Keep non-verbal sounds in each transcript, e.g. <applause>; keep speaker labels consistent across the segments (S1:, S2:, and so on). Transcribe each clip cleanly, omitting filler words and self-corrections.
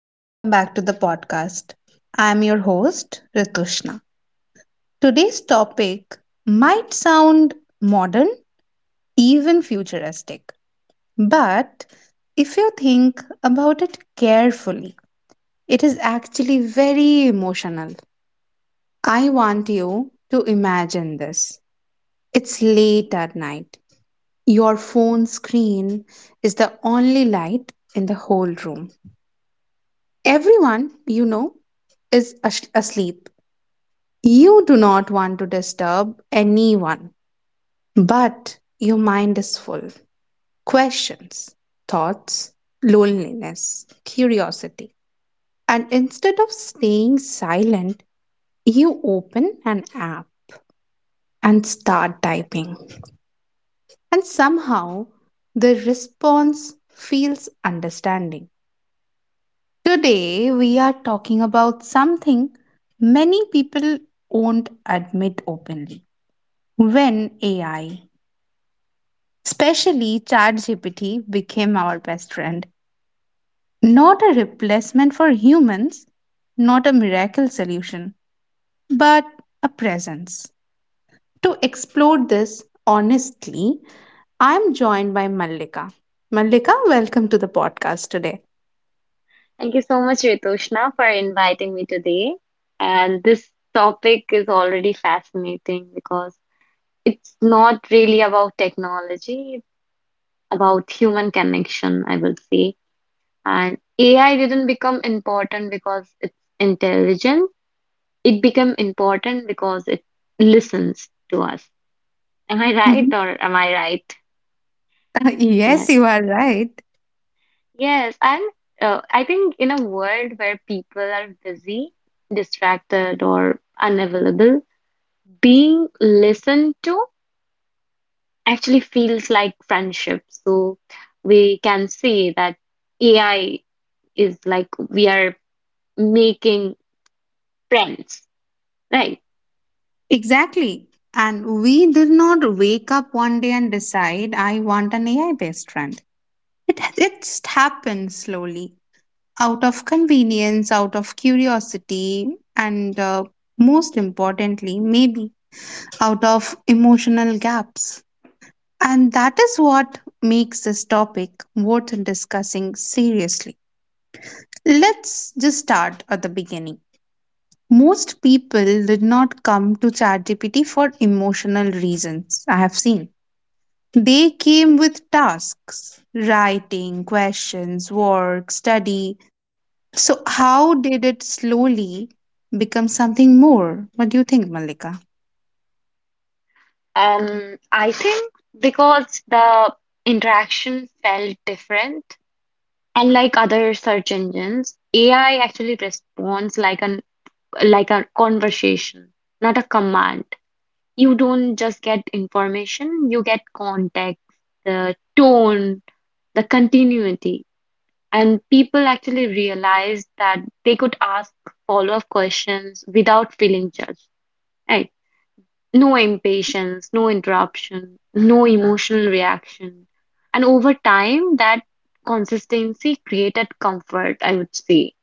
S1: Welcome back to the podcast. I'm your host, Ritushna. Today's topic might sound modern, even futuristic, but if you think about it carefully, it is actually very emotional. I want you to imagine this. It's late at night. Your phone screen is the only light in the whole room. Everyone you know is asleep. You do not want to disturb anyone, but your mind is full. Questions, thoughts, loneliness, curiosity. And instead of staying silent, you open an app and start typing. And somehow the response feels understanding. Today, we are talking about something many people won't admit openly. When AI, especially ChatGPT, became our best friend. Not a replacement for humans, not a miracle solution, but a presence. To explore this honestly, I'm joined by Mallika. Mallika, welcome to the podcast today.
S2: Thank you so much, Ritoshna, for inviting me today. And this topic is already fascinating because it's not really about technology, it's about human connection, I will say. And AI didn't become important because it's intelligent. It became important because it listens to us. Am I right
S1: Mhm.
S2: or am I right?
S1: <laughs>
S2: Yeah.
S1: Yes, you are right.
S2: Yes, and I think in a world where people are busy, distracted, or unavailable, being listened to actually feels like friendship. So we can say that AI is like we are making friends, right?
S1: Exactly. And we did not wake up one day and decide, I want an AI based friend. It just happened slowly, out of convenience, out of curiosity, and most importantly, maybe out of emotional gaps. And that is what makes this topic worth discussing seriously. Let's just start at the beginning. Most people did not come to ChatGPT for emotional reasons, I have seen. They came
S2: Mhm.
S1: with tasks, writing, questions, work, study. So, how did it slowly become something more? What do you think, Malika?
S2: I think because the interaction felt different. Unlike other search engines, AI actually responds like an like a conversation, not a command. You don't just get information, you get context, the tone, the continuity. And people actually realized that they could ask follow-up questions without feeling judged. Right? No
S1: Mhm.
S2: impatience, no interruption, no emotional reaction. And over time, that consistency created comfort, I would say.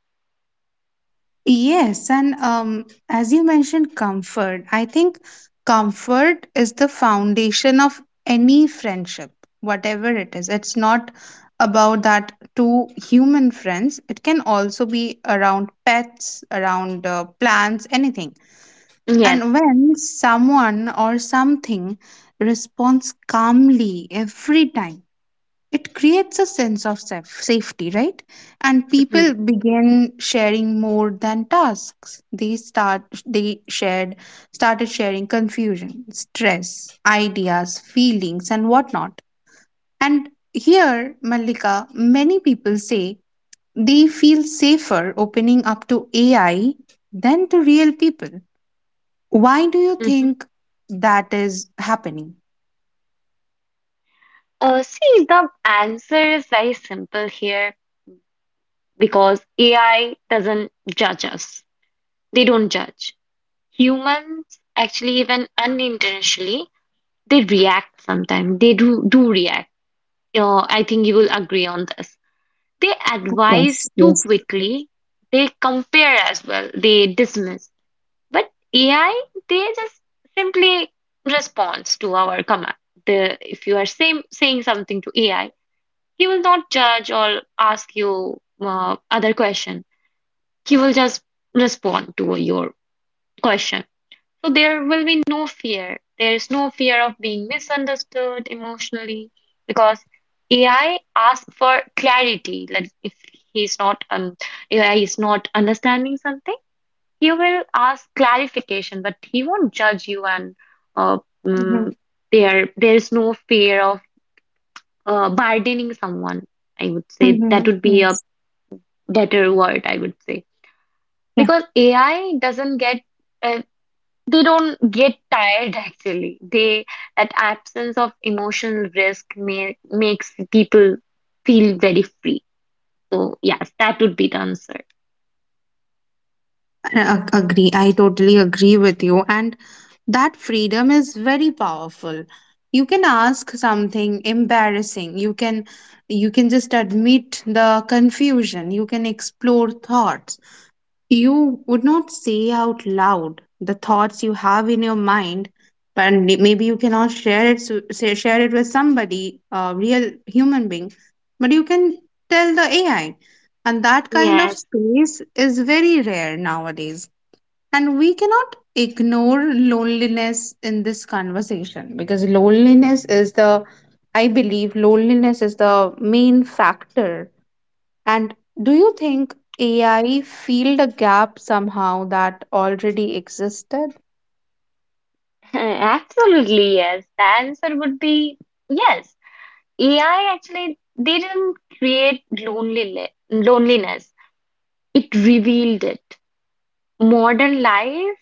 S1: Yes, and as you mentioned, comfort. I think comfort is the foundation of any friendship, whatever it is. It's not about that two human friends, it can also be around pets, around plants, anything.
S2: Yes.
S1: And when someone or something responds calmly every time, it creates a sense of safety, right? And
S2: hmm
S1: people begin sharing more than tasks. They start they shared started sharing confusion, stress, ideas, feelings, and whatnot. And here, Malika, many people say they feel safer opening up to AI than to real people. Why do you
S2: hmm
S1: think that is happening?
S2: see, the answer is very simple here, because AI doesn't judge us. They don't judge. Humans actually, even unintentionally, they react sometimes. They do react. I think you will agree on this. They
S1: Of
S2: advise
S1: course,
S2: too
S1: yes.
S2: quickly. They compare as well. They dismiss. But AI, they just simply responds to our command. The if you are same, saying something to AI, he will not judge or ask you other question. He will just respond to your question. So there will be no fear. There is no fear of being misunderstood emotionally because AI asks for clarity. Like if he's not AI is not understanding something, he will ask clarification, but he won't judge you, and uh,
S1: Mhm.
S2: mm, there there is no fear of burdening someone. I would say that
S1: Mhm.
S2: would be a
S1: Yes.
S2: better word. I would say, because AI doesn't get — uh, they don't get tired, actually. They That absence of emotional risk makes people feel very free. So yes, that would be the answer.
S1: A- agree I totally agree with you, and that freedom is very powerful. You can ask something embarrassing. You can just admit the confusion. You can explore thoughts you would not say out loud, the thoughts you have in your mind. But maybe you cannot share it, share it with somebody, a real human being. But you can tell the AI. And that kind of
S2: Yes,
S1: space is very rare nowadays. And we cannot ignore loneliness in this conversation, because loneliness is the, I believe, loneliness is the main factor. And do you think AI filled a gap somehow that already existed?
S2: <laughs> absolutely yes. The answer would be yes. AI actually, they didn't create loneliness. It revealed it. Modern life,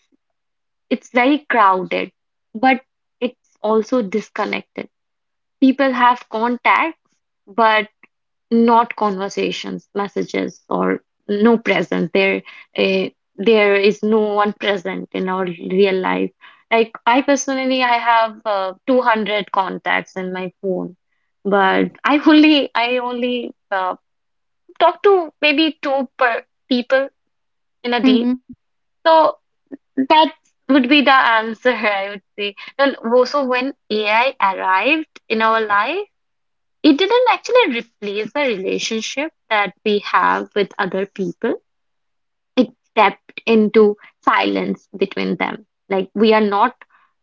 S2: it's very crowded, but it's also disconnected. People have contacts, but not conversations, messages, or no present. Eh, there is no one present in our real life. Like, I personally, I have 200 contacts in my phone, but I only talk to maybe two per people in a day.
S1: Mhm.
S2: So that would be the answer, <laughs> I would say. And also, when AI arrived in our life, it didn't actually replace the relationship that we have with other people. It stepped into silence between them. Like, we are not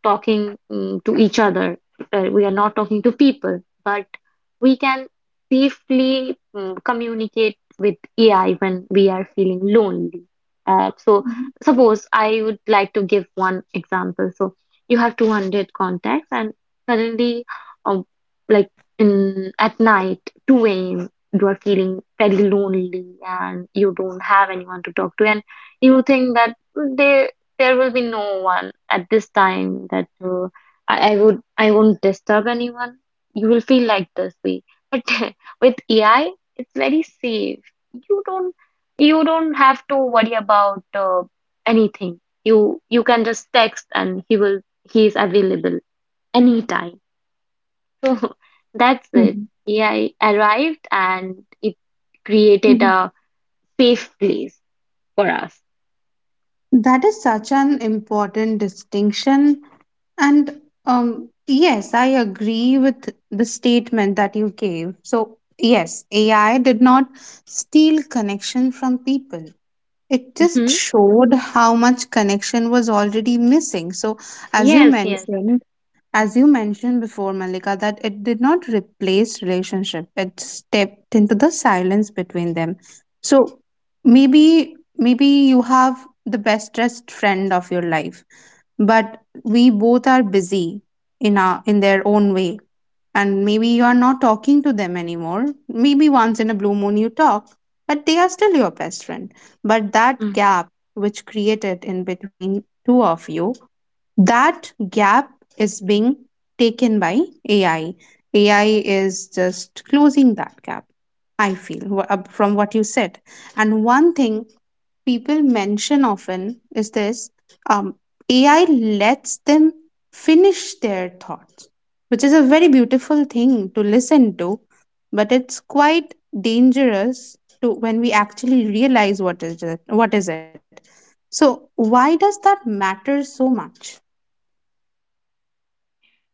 S2: talking to each other. We are not talking to people, but we can safely communicate with AI when we are feeling lonely. So
S1: Mhm.
S2: suppose I would like to give one example. So, you have 200 contacts, and suddenly, um, like in at night, 2 a.m., you are feeling very lonely, and you don't have anyone to talk to, and you think that they there will be no one at this time. That I won't disturb anyone. You will feel like this way, but <laughs> with AI it's very safe. You don't you don't have to worry about anything. You can just text and he is available anytime, so <laughs> that's it.
S1: Mhm.
S2: Yeah, I arrived and it created
S1: Mhm.
S2: a safe place for us.
S1: That is such an important distinction. And yes, I agree with the statement that you gave. So, yes, AI did not steal connection from people. It just
S2: Hmm
S1: showed how much connection was already missing. So, as you
S2: Yes, yes.
S1: mentioned, as you mentioned before, Malika, that it did not replace relationship. It stepped into the silence between them. So, maybe you have the best dressed friend of your life, but we both are busy in their own way. And maybe you are not talking to them anymore, maybe once in a blue moon you talk, but they are still your best friend. But that
S2: Mhm.
S1: gap which created in between two of you, that gap is being taken by AI. AI is just closing that gap, I feel, from what you said. And one thing people mention often is this: um, AI lets them finish their thoughts, which is a very beautiful thing to listen to, but it's quite dangerous to when we actually realize what is it, what is it. So why does that matter so much?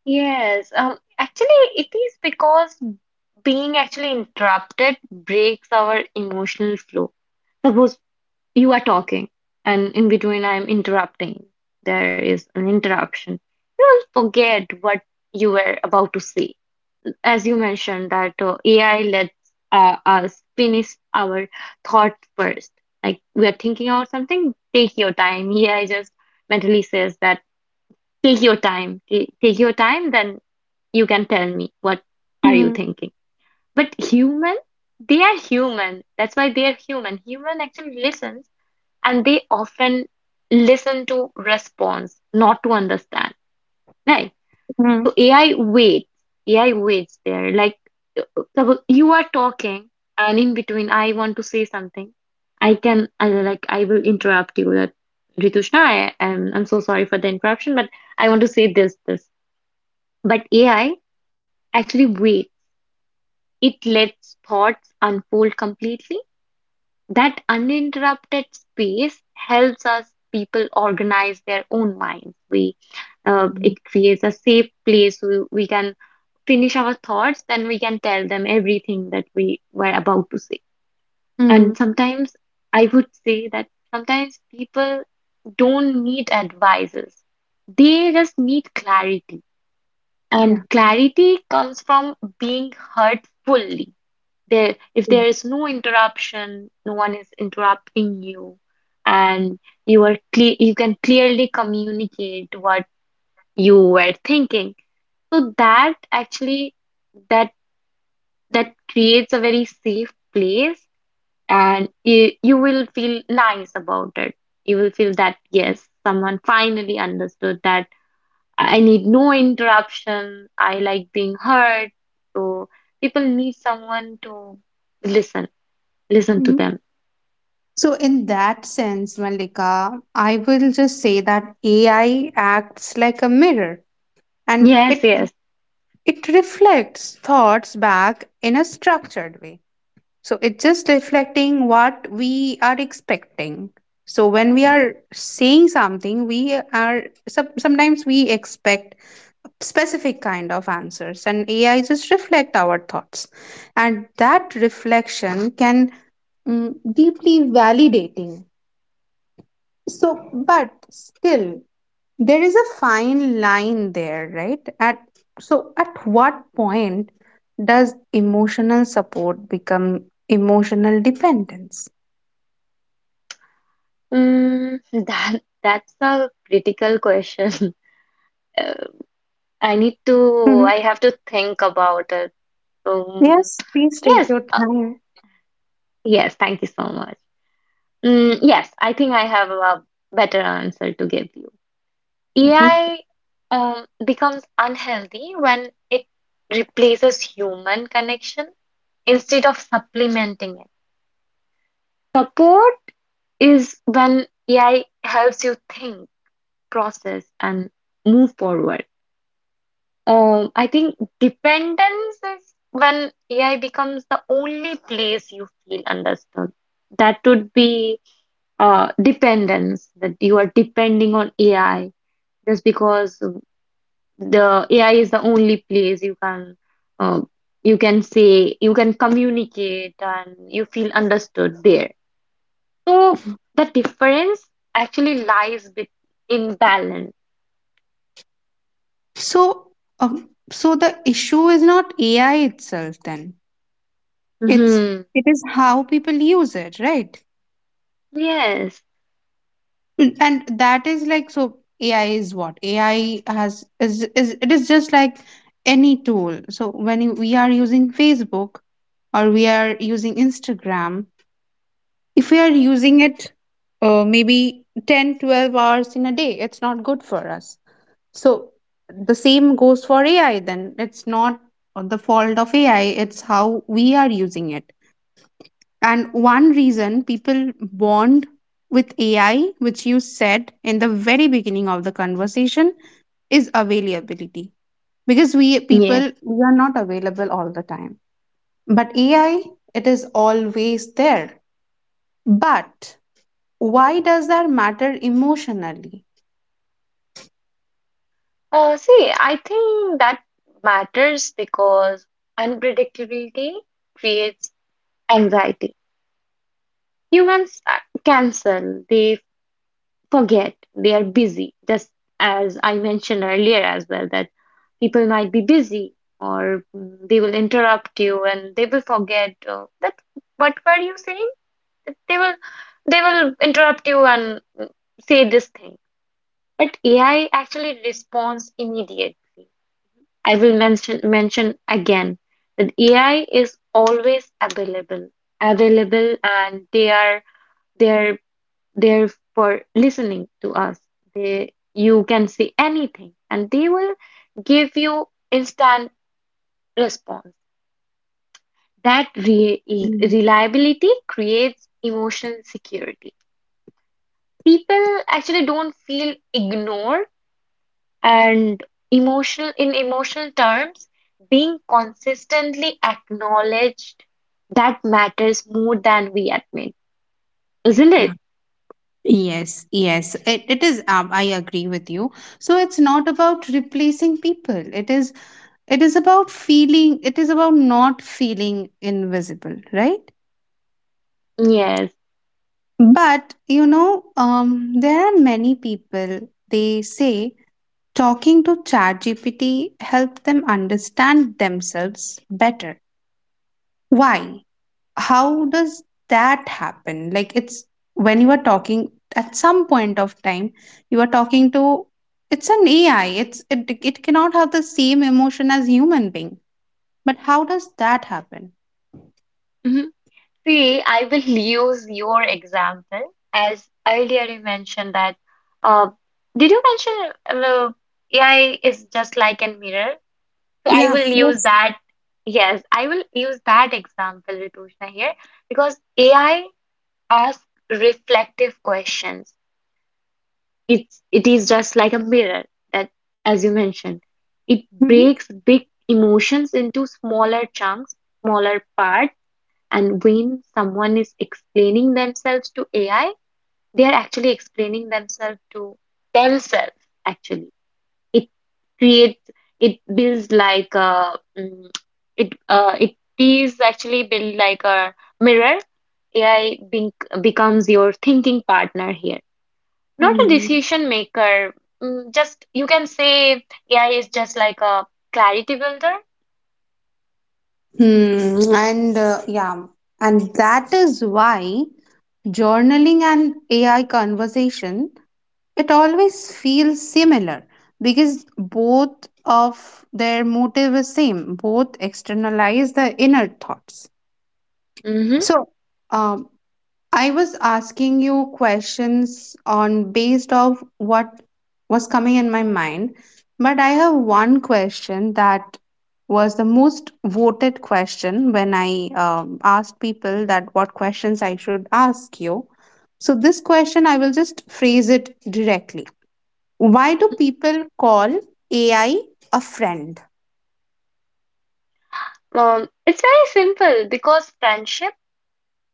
S2: Yes, actually, it is because being actually interrupted breaks our emotional flow. Suppose you are talking, and in between, I'm interrupting. There is an interruption. You'll forget what you were about to say. As you mentioned, that AI lets us finish our thought first. Like, we are thinking about something, take your time. AI just mentally says that take your time, take your time, then you can tell me what are you
S1: Mm-hmm.
S2: thinking. But human, they are human. That's why they are human. Human actually listens, and they often listen to response, not to understand. Right? So AI waits. AI waits there. Like, uh, suppose you are talking, and in between, I want to say something. Like, I will interrupt you. That Ritushna, I'm so sorry for the interruption, but I want to say this. But AI
S1: Yeah.
S2: actually waits. It lets thoughts unfold completely. That uninterrupted space helps us people organize their own minds. We it creates a safe place. We can finish our thoughts, then we can tell them everything that we were about to say. And
S1: Mm-hmm.
S2: sometimes, I would say that sometimes people don't need advices. They just need clarity. And
S1: Yeah.
S2: clarity comes from being heard fully. There, if there is no interruption, no one is interrupting you, and you are clear, you can clearly communicate what you were thinking. So that actually that that creates a very safe place, and you will feel nice about it. You will feel that, yes, someone finally understood that I need no interruption, I like being heard. So people need someone to listen, listen to
S1: Mhm.
S2: them.
S1: So, in that sense, Malika, I will just say that AI acts like a mirror, and
S2: Yes,
S1: it
S2: yes.
S1: it reflects thoughts back in a structured way. So it's just reflecting what we are expecting. So when we are saying something, sometimes we expect specific kind of answers, and AI just reflect our thoughts. And that reflection can, mm, deeply validating. So, but still, there is a fine line there, right? at So, at what point does emotional support become emotional dependence?
S2: Mm, that's a critical question. <laughs> Uh, I need to,
S1: Mhm.
S2: I have to think about it. Um,
S1: Yes, please take
S2: yes,
S1: your time.
S2: yes, thank you so much. Yes, I think I have a better answer to give you.
S1: Okay.
S2: AI becomes unhealthy when it replaces human connection instead of supplementing it. Support is when AI helps you think, process, and move forward. I think dependence is when AI becomes the only place you feel understood. That would be dependence, that you are depending on AI just because the AI is the only place you can uh, you can communicate and you feel understood there. So the difference actually lies in balance.
S1: So um, so the issue is not AI itself, then. it's
S2: Mhm.
S1: it is how people use it, right?
S2: Yes.
S1: And that is like, so ai is what ai has is it is just like any tool. So when we are using Facebook, or we are using Instagram, if we are using it, maybe 10-12 hours in a day, it's not good for us. So the same goes for AI, then. It's not the fault of AI, it's how we are using it. And one reason people bond with AI, which you said in the very beginning of the conversation, is availability. Because
S2: Yes.
S1: we are not available all the time. But AI, it is always there. But why does that matter emotionally?
S2: See, I think that matters because unpredictability creates anxiety. Humans cancel, they forget, they are busy, just as I mentioned earlier as well, that people might be busy or they will interrupt you and they will forget that what were you saying? That they will interrupt you and say this thing. But AI actually responds immediately. I will mention again that AI is always available, and they are there there for listening to us. They you can say anything, and they will give you instant response. That re
S1: Hmm.
S2: reliability creates emotional security. People actually don't feel ignored. And in emotional terms, being consistently acknowledged, that matters more than we admit, isn't
S1: Yeah.
S2: it?
S1: Yes, yes, it is. I agree with you. So it's not about replacing people. It is about feeling. It is about not feeling invisible, right?
S2: Yes.
S1: But there are many people. They say talking to ChatGPT helped them understand themselves better. Why? How does that happen? Like, it's when you are talking, at some point of time, you are talking to, it's an AI. It cannot have the same emotion as human being. But how does that happen?
S2: Mhm. See, I will use your example as earlier you mentioned that. Uh, did you mention AI is just like a mirror? So I
S1: Yeah,
S2: will use
S1: yes.
S2: that. Yes, I will use that example, Ritushna, here, because AI asks reflective questions. It is just like a mirror. That, as you mentioned, it
S1: Mhm.
S2: breaks big emotions into smaller chunks, smaller parts. And when someone is explaining themselves to AI, they are actually explaining themselves to themselves, actually. It creates it builds like a mm, it It is actually built like a mirror. AI becomes your thinking partner here, not a
S1: Hmm.
S2: decision maker. Just, you can say AI is just like a clarity builder.
S1: Hmm. And yeah, and that is why journaling and AI conversation, it always feels similar, because both of their motive is same. Both externalize the inner thoughts. So, um, I was asking you questions on based of what was coming in my mind, but I have one question that was the most voted question when I asked people that what questions I should ask you. So this question I will just phrase it directly. Why do
S2: Mm-hmm.
S1: people call AI a friend?
S2: It's very simple because friendship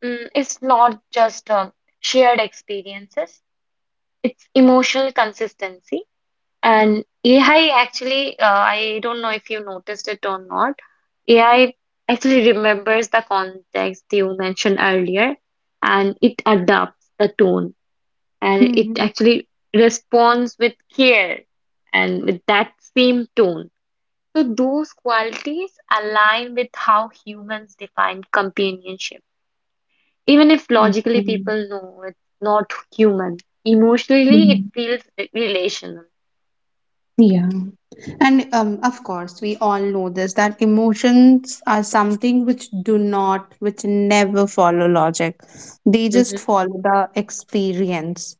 S2: is not just shared experiences, it's emotional consistency. And AI actually, I don't know if you noticed it or not, AI actually remembers the context you mentioned earlier, and it adapts the tone, and it
S1: Mhm.
S2: actually responds with care and with that same tone. So, those qualities align with how humans define companionship. Even if logically
S1: Okay.
S2: people know it's not human, emotionally it
S1: Mm.
S2: feels relational.
S1: Yeah. And of course, we all know this that emotions are something which do not, which never follow logic. They just
S2: Mhm.
S1: follow the experience.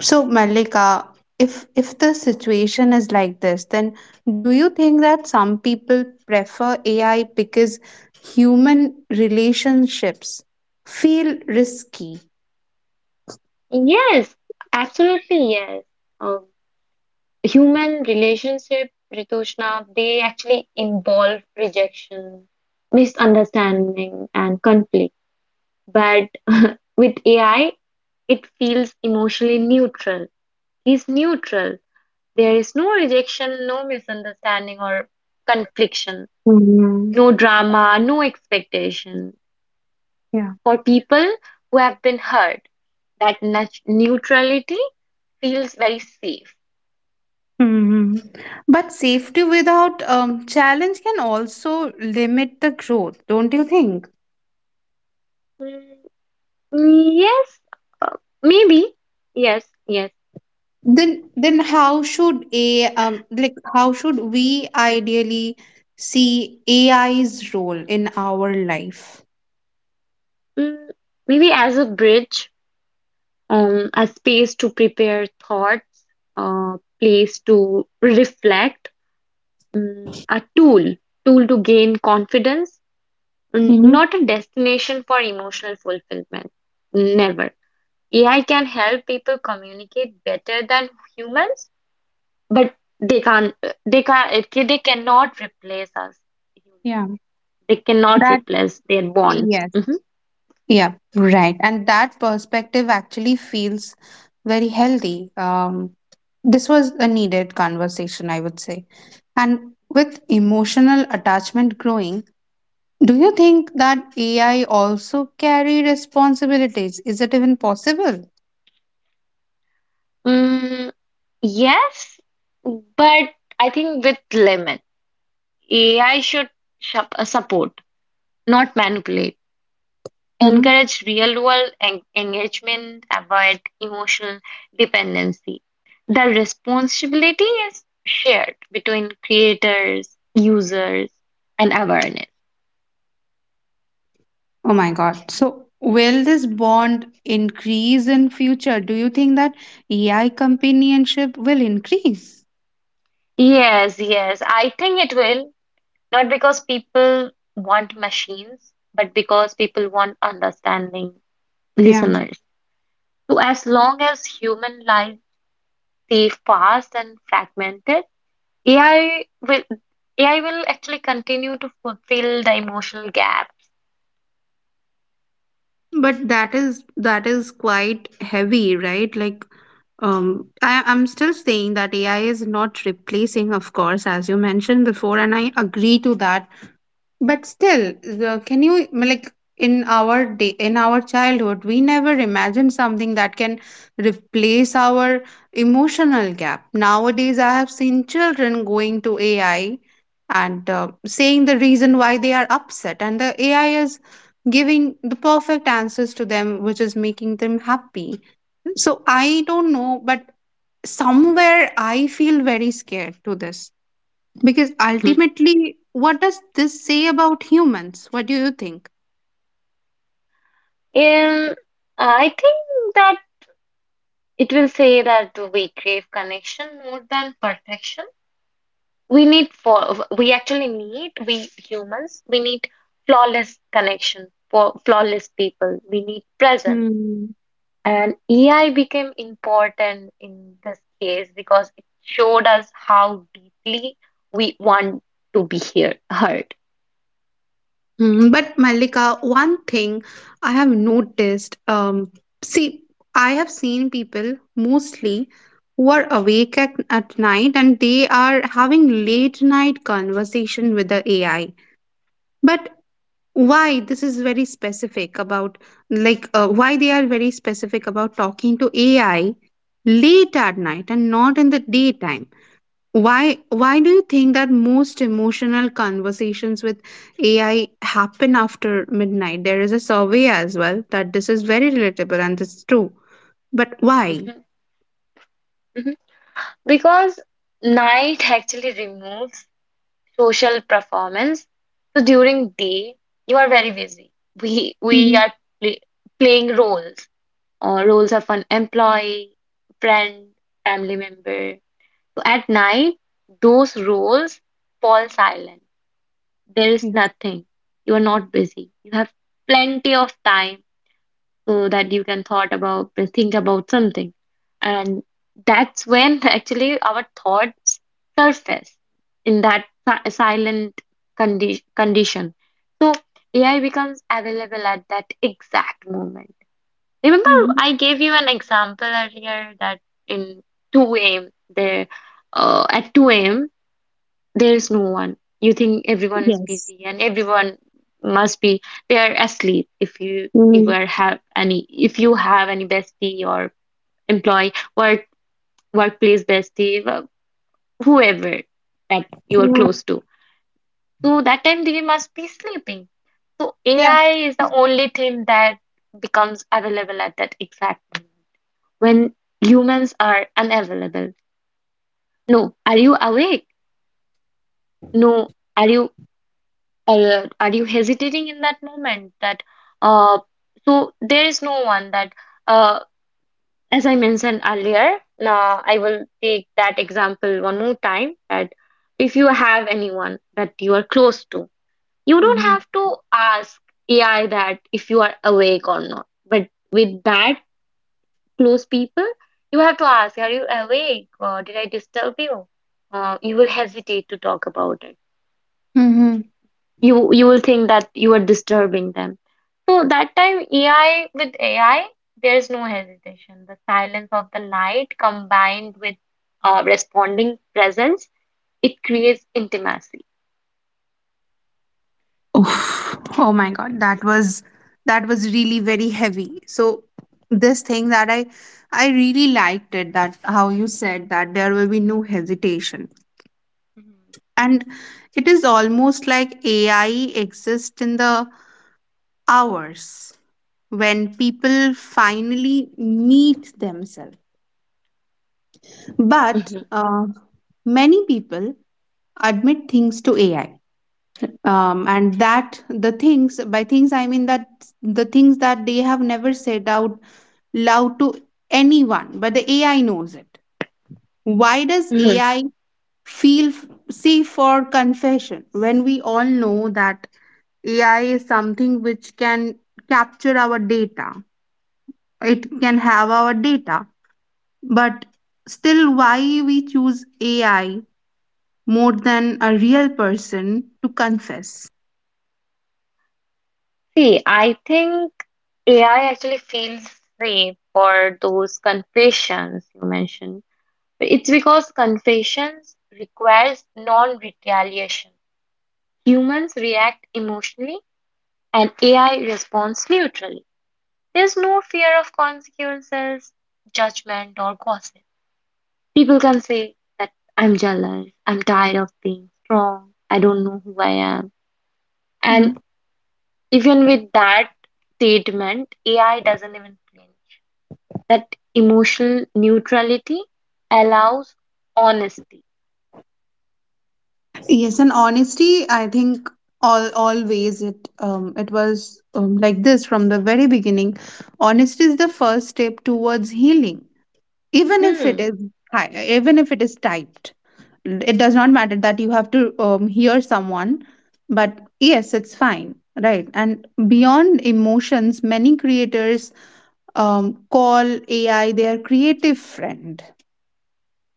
S1: So, Malika, if the situation is like this, then do you think that some people prefer AI because human relationships feel risky?
S2: Yes, absolutely, yes. Um, Human relationship, Ritushna, they actually involve rejection, misunderstanding, and conflict. But <laughs> with AI, it feels emotionally neutral. He's neutral. There is no rejection, no misunderstanding or confliction,
S1: Mhm.
S2: no drama, no expectation.
S1: Yeah.
S2: For people who have been hurt, that neutrality feels very safe.
S1: Hmm. But safety without challenge can also limit the growth, don't you think?
S2: Mm, yes, uh, maybe. Yes, yes.
S1: Then, how should we ideally see AI's role in our life?
S2: Mm, Maybe as a bridge, a space to prepare thoughts, a place to reflect, a tool to gain confidence,
S1: Hmm.
S2: not a destination for emotional fulfillment. Never. AI can help people communicate better than humans, but they can't, they cannot replace us humans.
S1: Yeah,
S2: They cannot
S1: that
S2: replace their bonds.
S1: yes,
S2: Mhm.
S1: yeah, and that perspective actually feels very healthy. This was a needed conversation, I would say. And with emotional attachment growing, do you think that AI also carry responsibilities? Is it even possible?
S2: Mm, yes, but I think with limits. AI should support, not manipulate.
S1: Mhm.
S2: Encourage real world engagement, avoid emotional dependency. The responsibility is shared between creators, users, and awareness.
S1: Oh my God. So, will this bond increase in future? Do you think that AI companionship will increase?
S2: Yes, yes, I think it will. Not because people want machines, but because people want understanding
S1: Yeah.
S2: listeners. So, as long as human life stay fast and fragmented, AI will AI will actually continue to fulfill the emotional gap.
S1: But that is quite heavy, right? Like, I'm still saying that AI is not replacing, of course, as you mentioned before, and I agree to that. But still, the, can you like in our day in our childhood, we never imagined something that can replace our emotional gap. Nowadays, I have seen children going to AI and saying the reason why they are upset, and the AI is giving the perfect answers to them, which is making them happy. So I don't know, but somewhere I feel very scared to this. Because
S2: Mhm.
S1: ultimately, what does this say about humans? What do you think?
S2: And I think that it will say that we crave connection more than perfection. We need for we actually need we humans we need flawless connection for flawless people. We need presence.
S1: Hmm.
S2: And AI became important in this case because it showed us how deeply we want to be here heard.
S1: Hmm. But Malika, one thing I have noticed, see, I have seen people mostly who are awake at night, and they are having late night conversation with the AI. But why this is very specific about, why they are very specific about talking to AI late at night and not in the daytime? Why do you think that most emotional conversations with AI happen after midnight? There is a survey as well that this is very relatable and this is true. But why?
S2: Mhm. Mhm. Because night actually removes social performance. So during day, you are very busy. We
S1: Hmm.
S2: are play, playing roles. Roles of an employee, friend, family member. So at night, those roles fall silent. There is
S1: Yes.
S2: nothing. You are not busy. You have plenty of time so that you can thought about think about something, and that's when actually our thoughts surface in that silent condi condition. So AI becomes available at that exact moment. Remember,
S1: Hmm.
S2: I gave you an example earlier that in 2 a.m there uh, at 2 a.m there's no one. You think everyone is
S1: Yes.
S2: busy and everyone must be, they are asleep. if you if you
S1: Hmm.
S2: are have any if you have any bestie or employee work workplace bestie, whoever that you are close to. So that time they must be sleeping. So
S1: Yeah.
S2: AI is the only thing that becomes available at that exact moment when humans are unavailable. No, are you awake? No, are you, are you hesitating in that moment that uh so there is no one that uh as I mentioned earlier. Now I will take that example one more time that if you have anyone that you are close to, you don't
S1: Hmm.
S2: have to ask AI that if you are awake or not, but with that close people you have to ask, are you awake or did I disturb you? You will hesitate to talk about it.
S1: Hmm.
S2: You will think that you are disturbing them. So that time AI, there is no hesitation. The silence of the light combined with responding presence, it creates intimacy.
S1: Oh, oh my God, that was really very heavy. So this thing that I really liked it, that how you said that there will be no hesitation,
S2: Mhm.
S1: and it is almost like AI exists in the hours when people finally meet themselves. But
S2: Mhm.
S1: many people admit things to AI. And that the things by things I mean that the things that they have never said out loud to anyone, but the AI knows it. Why does
S2: Mhm.
S1: AI feel safe for confession when we all know that AI is something which can capture our data. It can have our data. But still, why we choose AI more than a real person to confess?
S2: See, I think AI actually feels safe for those confessions you mentioned. It's because confessions requires non-retaliation. Humans react emotionally, and AI responds neutrally. There's no fear of consequences, judgment, or gossip. People can say that I'm jealous, I'm tired of being strong, I don't know who I am. And
S1: Mhm.
S2: even with that statement, AI doesn't even blame. That emotional neutrality allows honesty.
S1: Yes, and honesty, I think all always it was like this from the very beginning. Honesty is the first step towards healing, even if it
S2: Mhm.
S1: is even if it is typed. It does not matter that you have to hear someone, but yes, it's fine, right? And beyond emotions, many creators call ai their creative friend.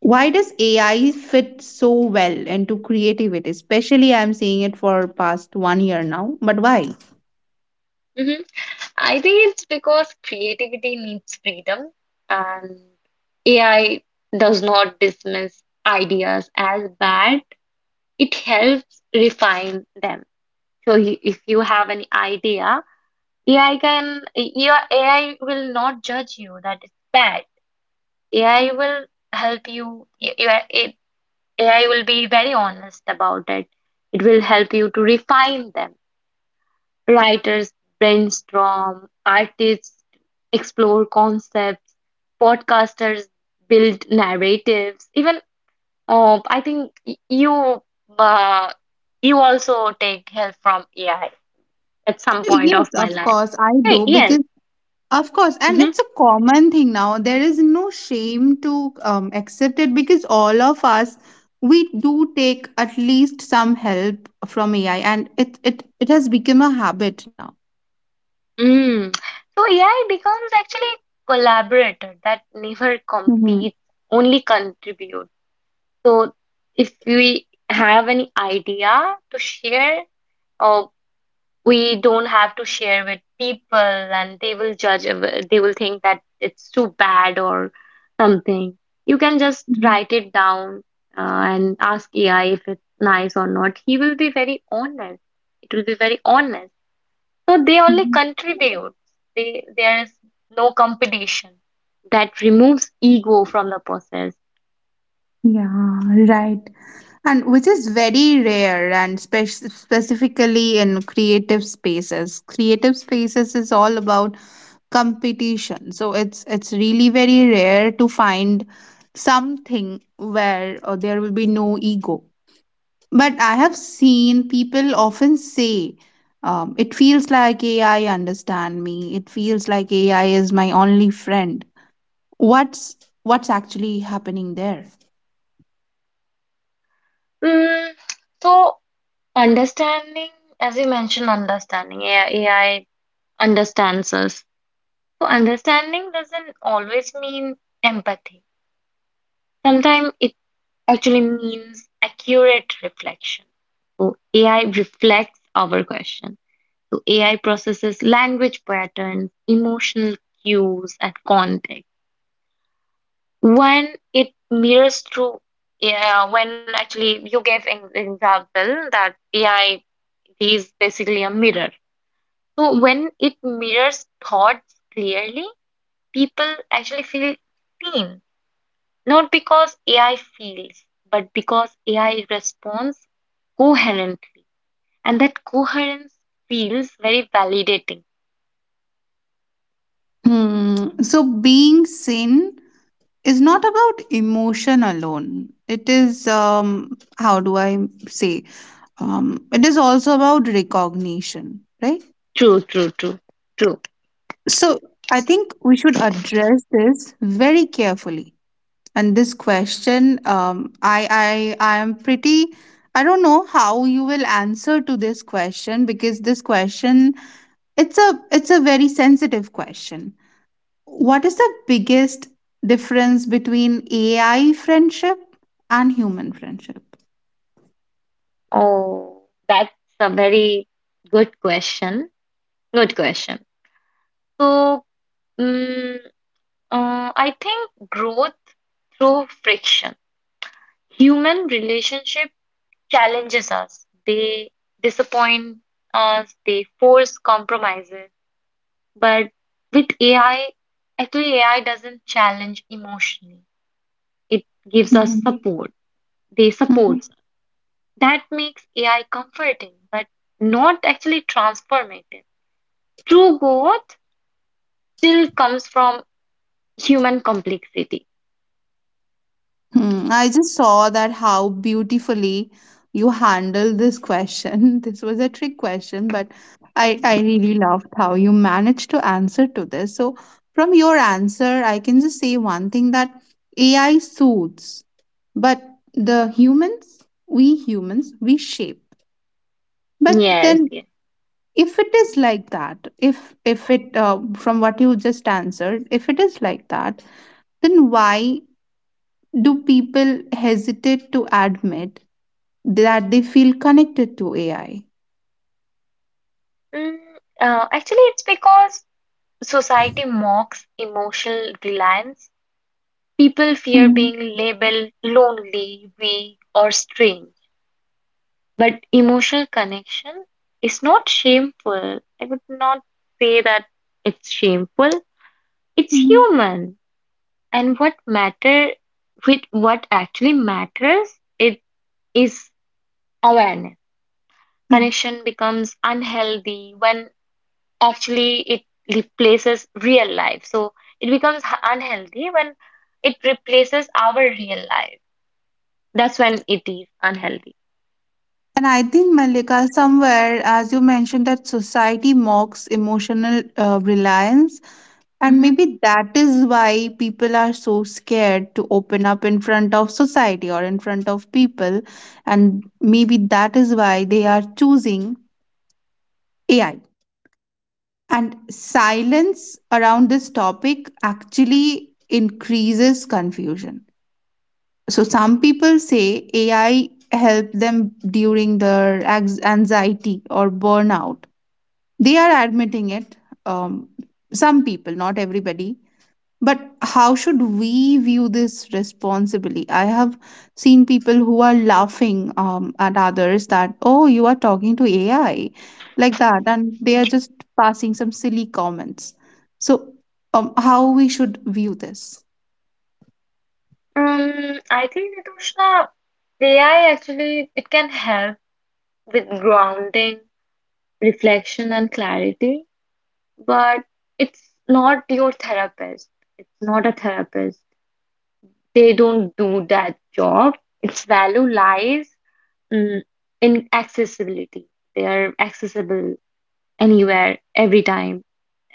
S1: Why does ai fit so well into creativity? Especially I'm seeing it for past 1 year now, but why?
S2: Mhm. I think it's because creativity needs freedom, and AI does not dismiss ideas as bad. It helps refine them. If you have an idea, your AI will not judge you that it's bad. AI will help you, y- your- AI will be very honest about it. It will help you to refine them. Writers brainstorm, artists explore concepts, podcasters build narratives. Even I think uh, you also take help from AI at some point
S1: Yes,
S2: of my
S1: of
S2: life.
S1: course I do,
S2: Hey, yes.
S1: because... Of course, and
S2: hmm
S1: it's a common thing now. There is no shame to accept it, because all of us, we do take at least some help from AI, and it has become a habit now.
S2: Mm. So AI becomes actually a collaborator that never
S1: Hmm.
S2: competes, only contributes. So if we have any idea to share, uh, we don't have to share with people and they will judge, they will think that it's too bad or something. You can just write it down, and ask AI if it's nice or not. He will be very honest. So they only contribute. They there is no competition. That removes ego from the process.
S1: Yeah, right. And which is very rare, and specifically in creative spaces. Creative spaces is all about competition, so it's really very rare to find something where there will be no ego. But I have seen people often say, it feels like ai understand me, it feels like ai is my only friend. what's what's actually happening there?
S2: mm, so understanding, as you mentioned, AI understands us. So understanding doesn't always mean empathy. Sometimes it actually means accurate reflection. So AI reflects our question. So AI processes language patterns, emotional cues, and context. When it mirrors through, Yeah, when actually you gave an example that AI is basically a mirror. So when it mirrors thoughts clearly, people actually feel seen. Not because AI feels, but because AI responds coherently. And that coherence feels very validating.
S1: Hmm. So being seen is not about emotion alone. It is, how do I say, it is also about recognition, right?
S2: True, true, true, true.
S1: So I think we should address this very carefully. And this question, I am pretty... I don't know how you will answer to this question, because this question, it's a very sensitive question. What is the biggest difference between AI friendship and human friendship?
S2: Oh, that's a very good question. Good question. So, mm, uh, I think growth through friction. Human relationship challenges us. They disappoint us. They force compromises. But with AI, actually AI doesn't challenge emotionally. It gives us
S1: Mhm.
S2: support. They support. That makes AI comforting, but not actually transformative. True growth still comes from human complexity.
S1: Hmm, I just saw that how beautifully you handled this question. <laughs> This was a trick question, but I
S2: Mm.
S1: really loved how you managed to answer to this. So, from your answer, I can just say one thing, that AI suits, but the humans, we shape. But
S2: Yes,
S1: then,
S2: yes.
S1: if it is like that, if it from what you just answered, if it is like that, then why do people hesitate to admit that they feel connected to AI?
S2: Mm, Actually, it's because society mocks emotional reliance. People fear
S1: Hmm.
S2: being labeled lonely, weak, or strange. But emotional connection is not shameful. I would not say that it's shameful. It's
S1: Hmm.
S2: human. And what actually matters it is awareness.
S1: Yeah.
S2: Connection becomes unhealthy when actually it replaces real life. So it becomes unhealthy when it replaces our real life. That's when it is unhealthy.
S1: And I think, Malika, somewhere, as you mentioned, that society mocks emotional reliance. And maybe that is why people are so scared to open up in front of society or in front of people. And maybe that is why they are choosing AI. And silence around this topic actually increases confusion. So some people say ai help them during their anxiety or burnout, they are admitting it. um, some people, not everybody, but how should we view this responsibly? I have seen people who are laughing at others, that oh, you are talking to ai like that, and they are just passing some silly comments. So how we should view this?
S2: I think Ritushna, AI actually it can help with grounding, reflection, and clarity, but it's not your therapist. It's not a therapist. They don't do that job. Its value lies mm, in accessibility. They are accessible anywhere, every time.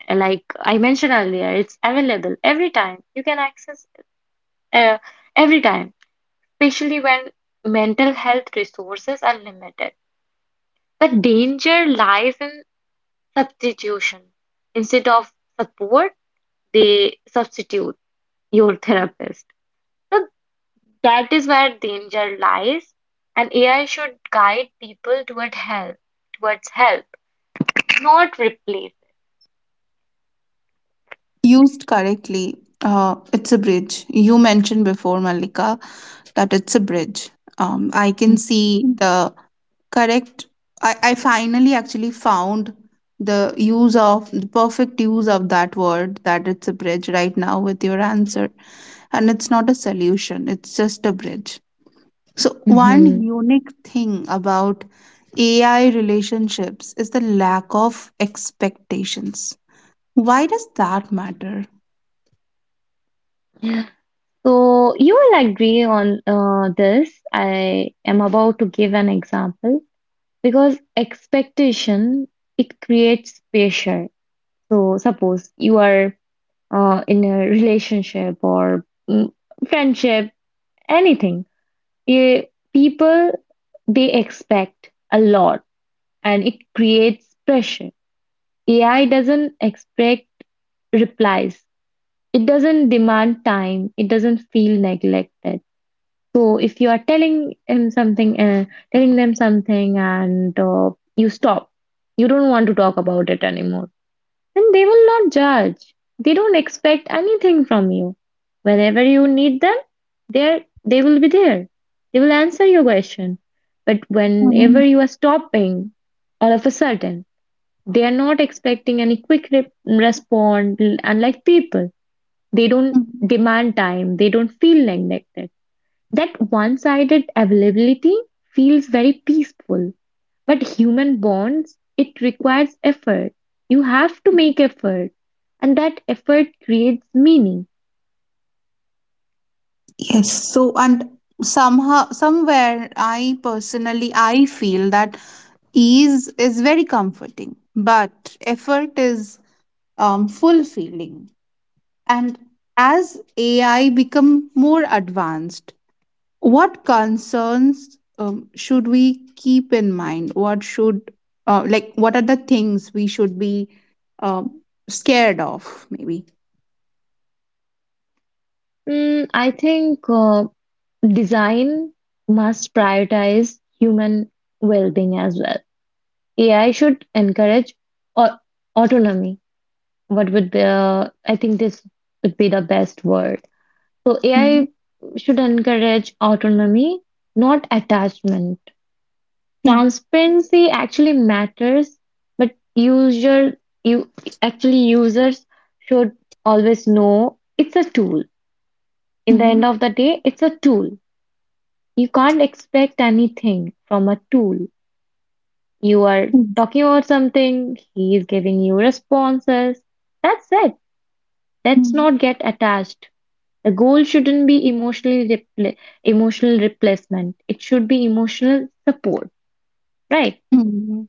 S2: Like I mentioned earlier, it's available every time. You can access uh, every time, especially when mental health resources are limited. The danger lies in substitution. Instead of support, they substitute your therapist. So that is where danger lies, and AI should guide people toward help, towards help, not replace.
S1: Used correctly, it's a bridge. You mentioned before, Malika, that it's a bridge. I can see the correct... I finally actually found the use of the perfect use of that word, that it's a bridge right now with your answer. And it's not a solution, it's just a bridge. So, one
S2: Mhm.
S1: unique thing about AI relationships is the lack of expectations. Why does that matter?
S2: So you will agree on this. I am about to give an example. Because expectation, it creates pressure. So suppose you are in a relationship or mm, friendship, anything. Eh, people, they expect a lot and it creates pressure. AI doesn't expect replies. It doesn't demand time. It doesn't feel neglected. So if you are telling him something, and you stop, you don't want to talk about it anymore, then they will not judge. They don't expect anything from you. Whenever you need them, there they will be there. They will answer your question. But whenever you are stopping, all of a sudden, they are not expecting any quick response. Unlike people, they don't
S1: Mhm.
S2: demand time. They don't feel neglected. That one-sided availability feels very peaceful, but human bonds, it requires effort. You have to make effort, and that effort creates meaning.
S1: Yes, so, and somehow somewhere, I personally I feel that ease is very comforting, but effort is fulfilling. And as AI become more advanced, what concerns should we keep in mind? What should, like, what are the things we should be um, scared of, maybe?
S2: I think design must prioritize human well-being as well. AI should encourage au- autonomy. What would be, I think this would be the best word. So
S1: Mhm.
S2: AI should encourage autonomy, not attachment.
S1: Yeah.
S2: Transparency actually matters, but user you actually users should always know it's a tool. In the
S1: Mhm.
S2: end of the day, it's a tool. You can't expect anything from a tool. You are
S1: Mm.
S2: talking about something, he is giving you responses. That's it. Let's
S1: Mm.
S2: not get attached. The goal shouldn't be emotional replacement. It should be emotional support, right?
S1: Mm.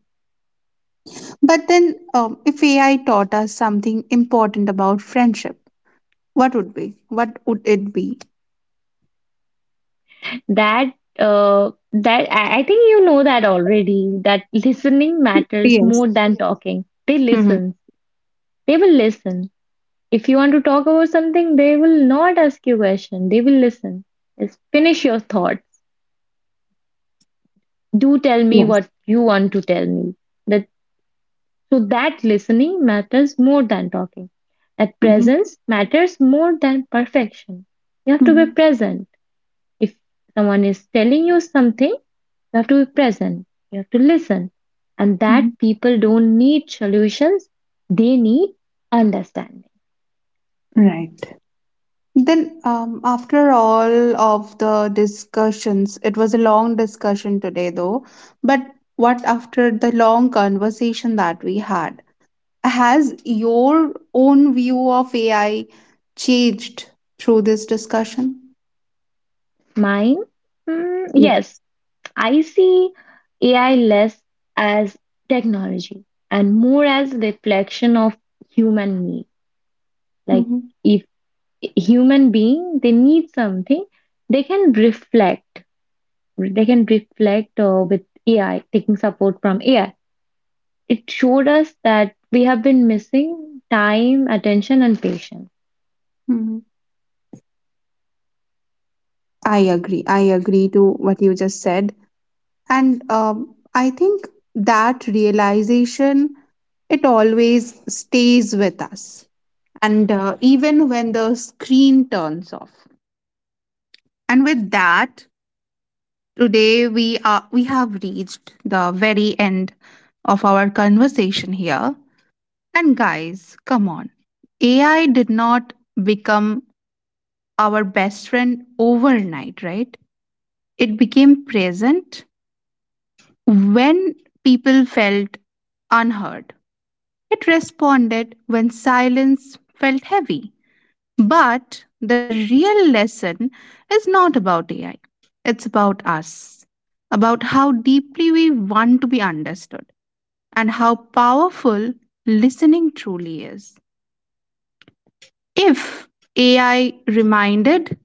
S1: But then, if AI taught us something important about friendship, what would be? What would it be?
S2: That I think you know that already. That listening matters
S1: Yes.
S2: more than talking. They
S1: Mm-hmm.
S2: listen. They will listen. If you want to talk about something, they will not ask you question. They will listen. Just finish your thoughts. Do tell me
S1: Yes.
S2: what you want to tell me. The So that listening matters more than talking, that
S1: Mm-hmm.
S2: presence matters more than perfection. You have to be
S1: Mm-hmm.
S2: present. If someone is telling you something, you have to be present. You have to listen. And that people don't need solutions, they need understanding.
S1: Right. Then, after all of the discussions, it was a long discussion today, though. But what after the long conversation that we had? Has your own view of AI changed through this discussion?
S2: Mine,
S1: Yeah.
S2: yes, I see AI less as technology and more as reflection of human need. Like
S1: Mm-hmm.
S2: if human being they need something they can reflect with AI, taking support from AI, it showed us that we have been missing time, attention and patience.
S1: Hmm. I agree. I agree to what you just said. And I think that realization, it always stays with us, and even when the screen turns off. And with that, today we have reached the very end of our conversation here. And guys, come on. AI did not become our best friend overnight, right? It became present when people felt unheard. It responded when silence felt heavy. But the real lesson is not about AI, it's about us, about how deeply we want to be understood and how powerful listening truly is. If AI reminded,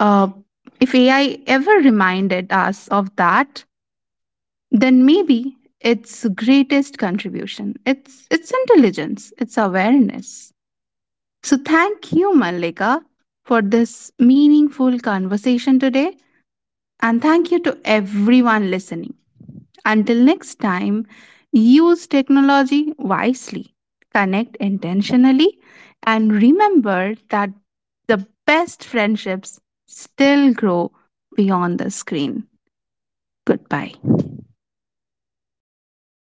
S1: uh, if AI ever reminded us of that, then maybe its greatest contribution, it's its intelligence, its awareness. So thank you, Malika, for this meaningful conversation today. And thank you to everyone listening. Until next time, use technology wisely, connect intentionally, and remember that the best friendships still grow beyond the screen. Goodbye.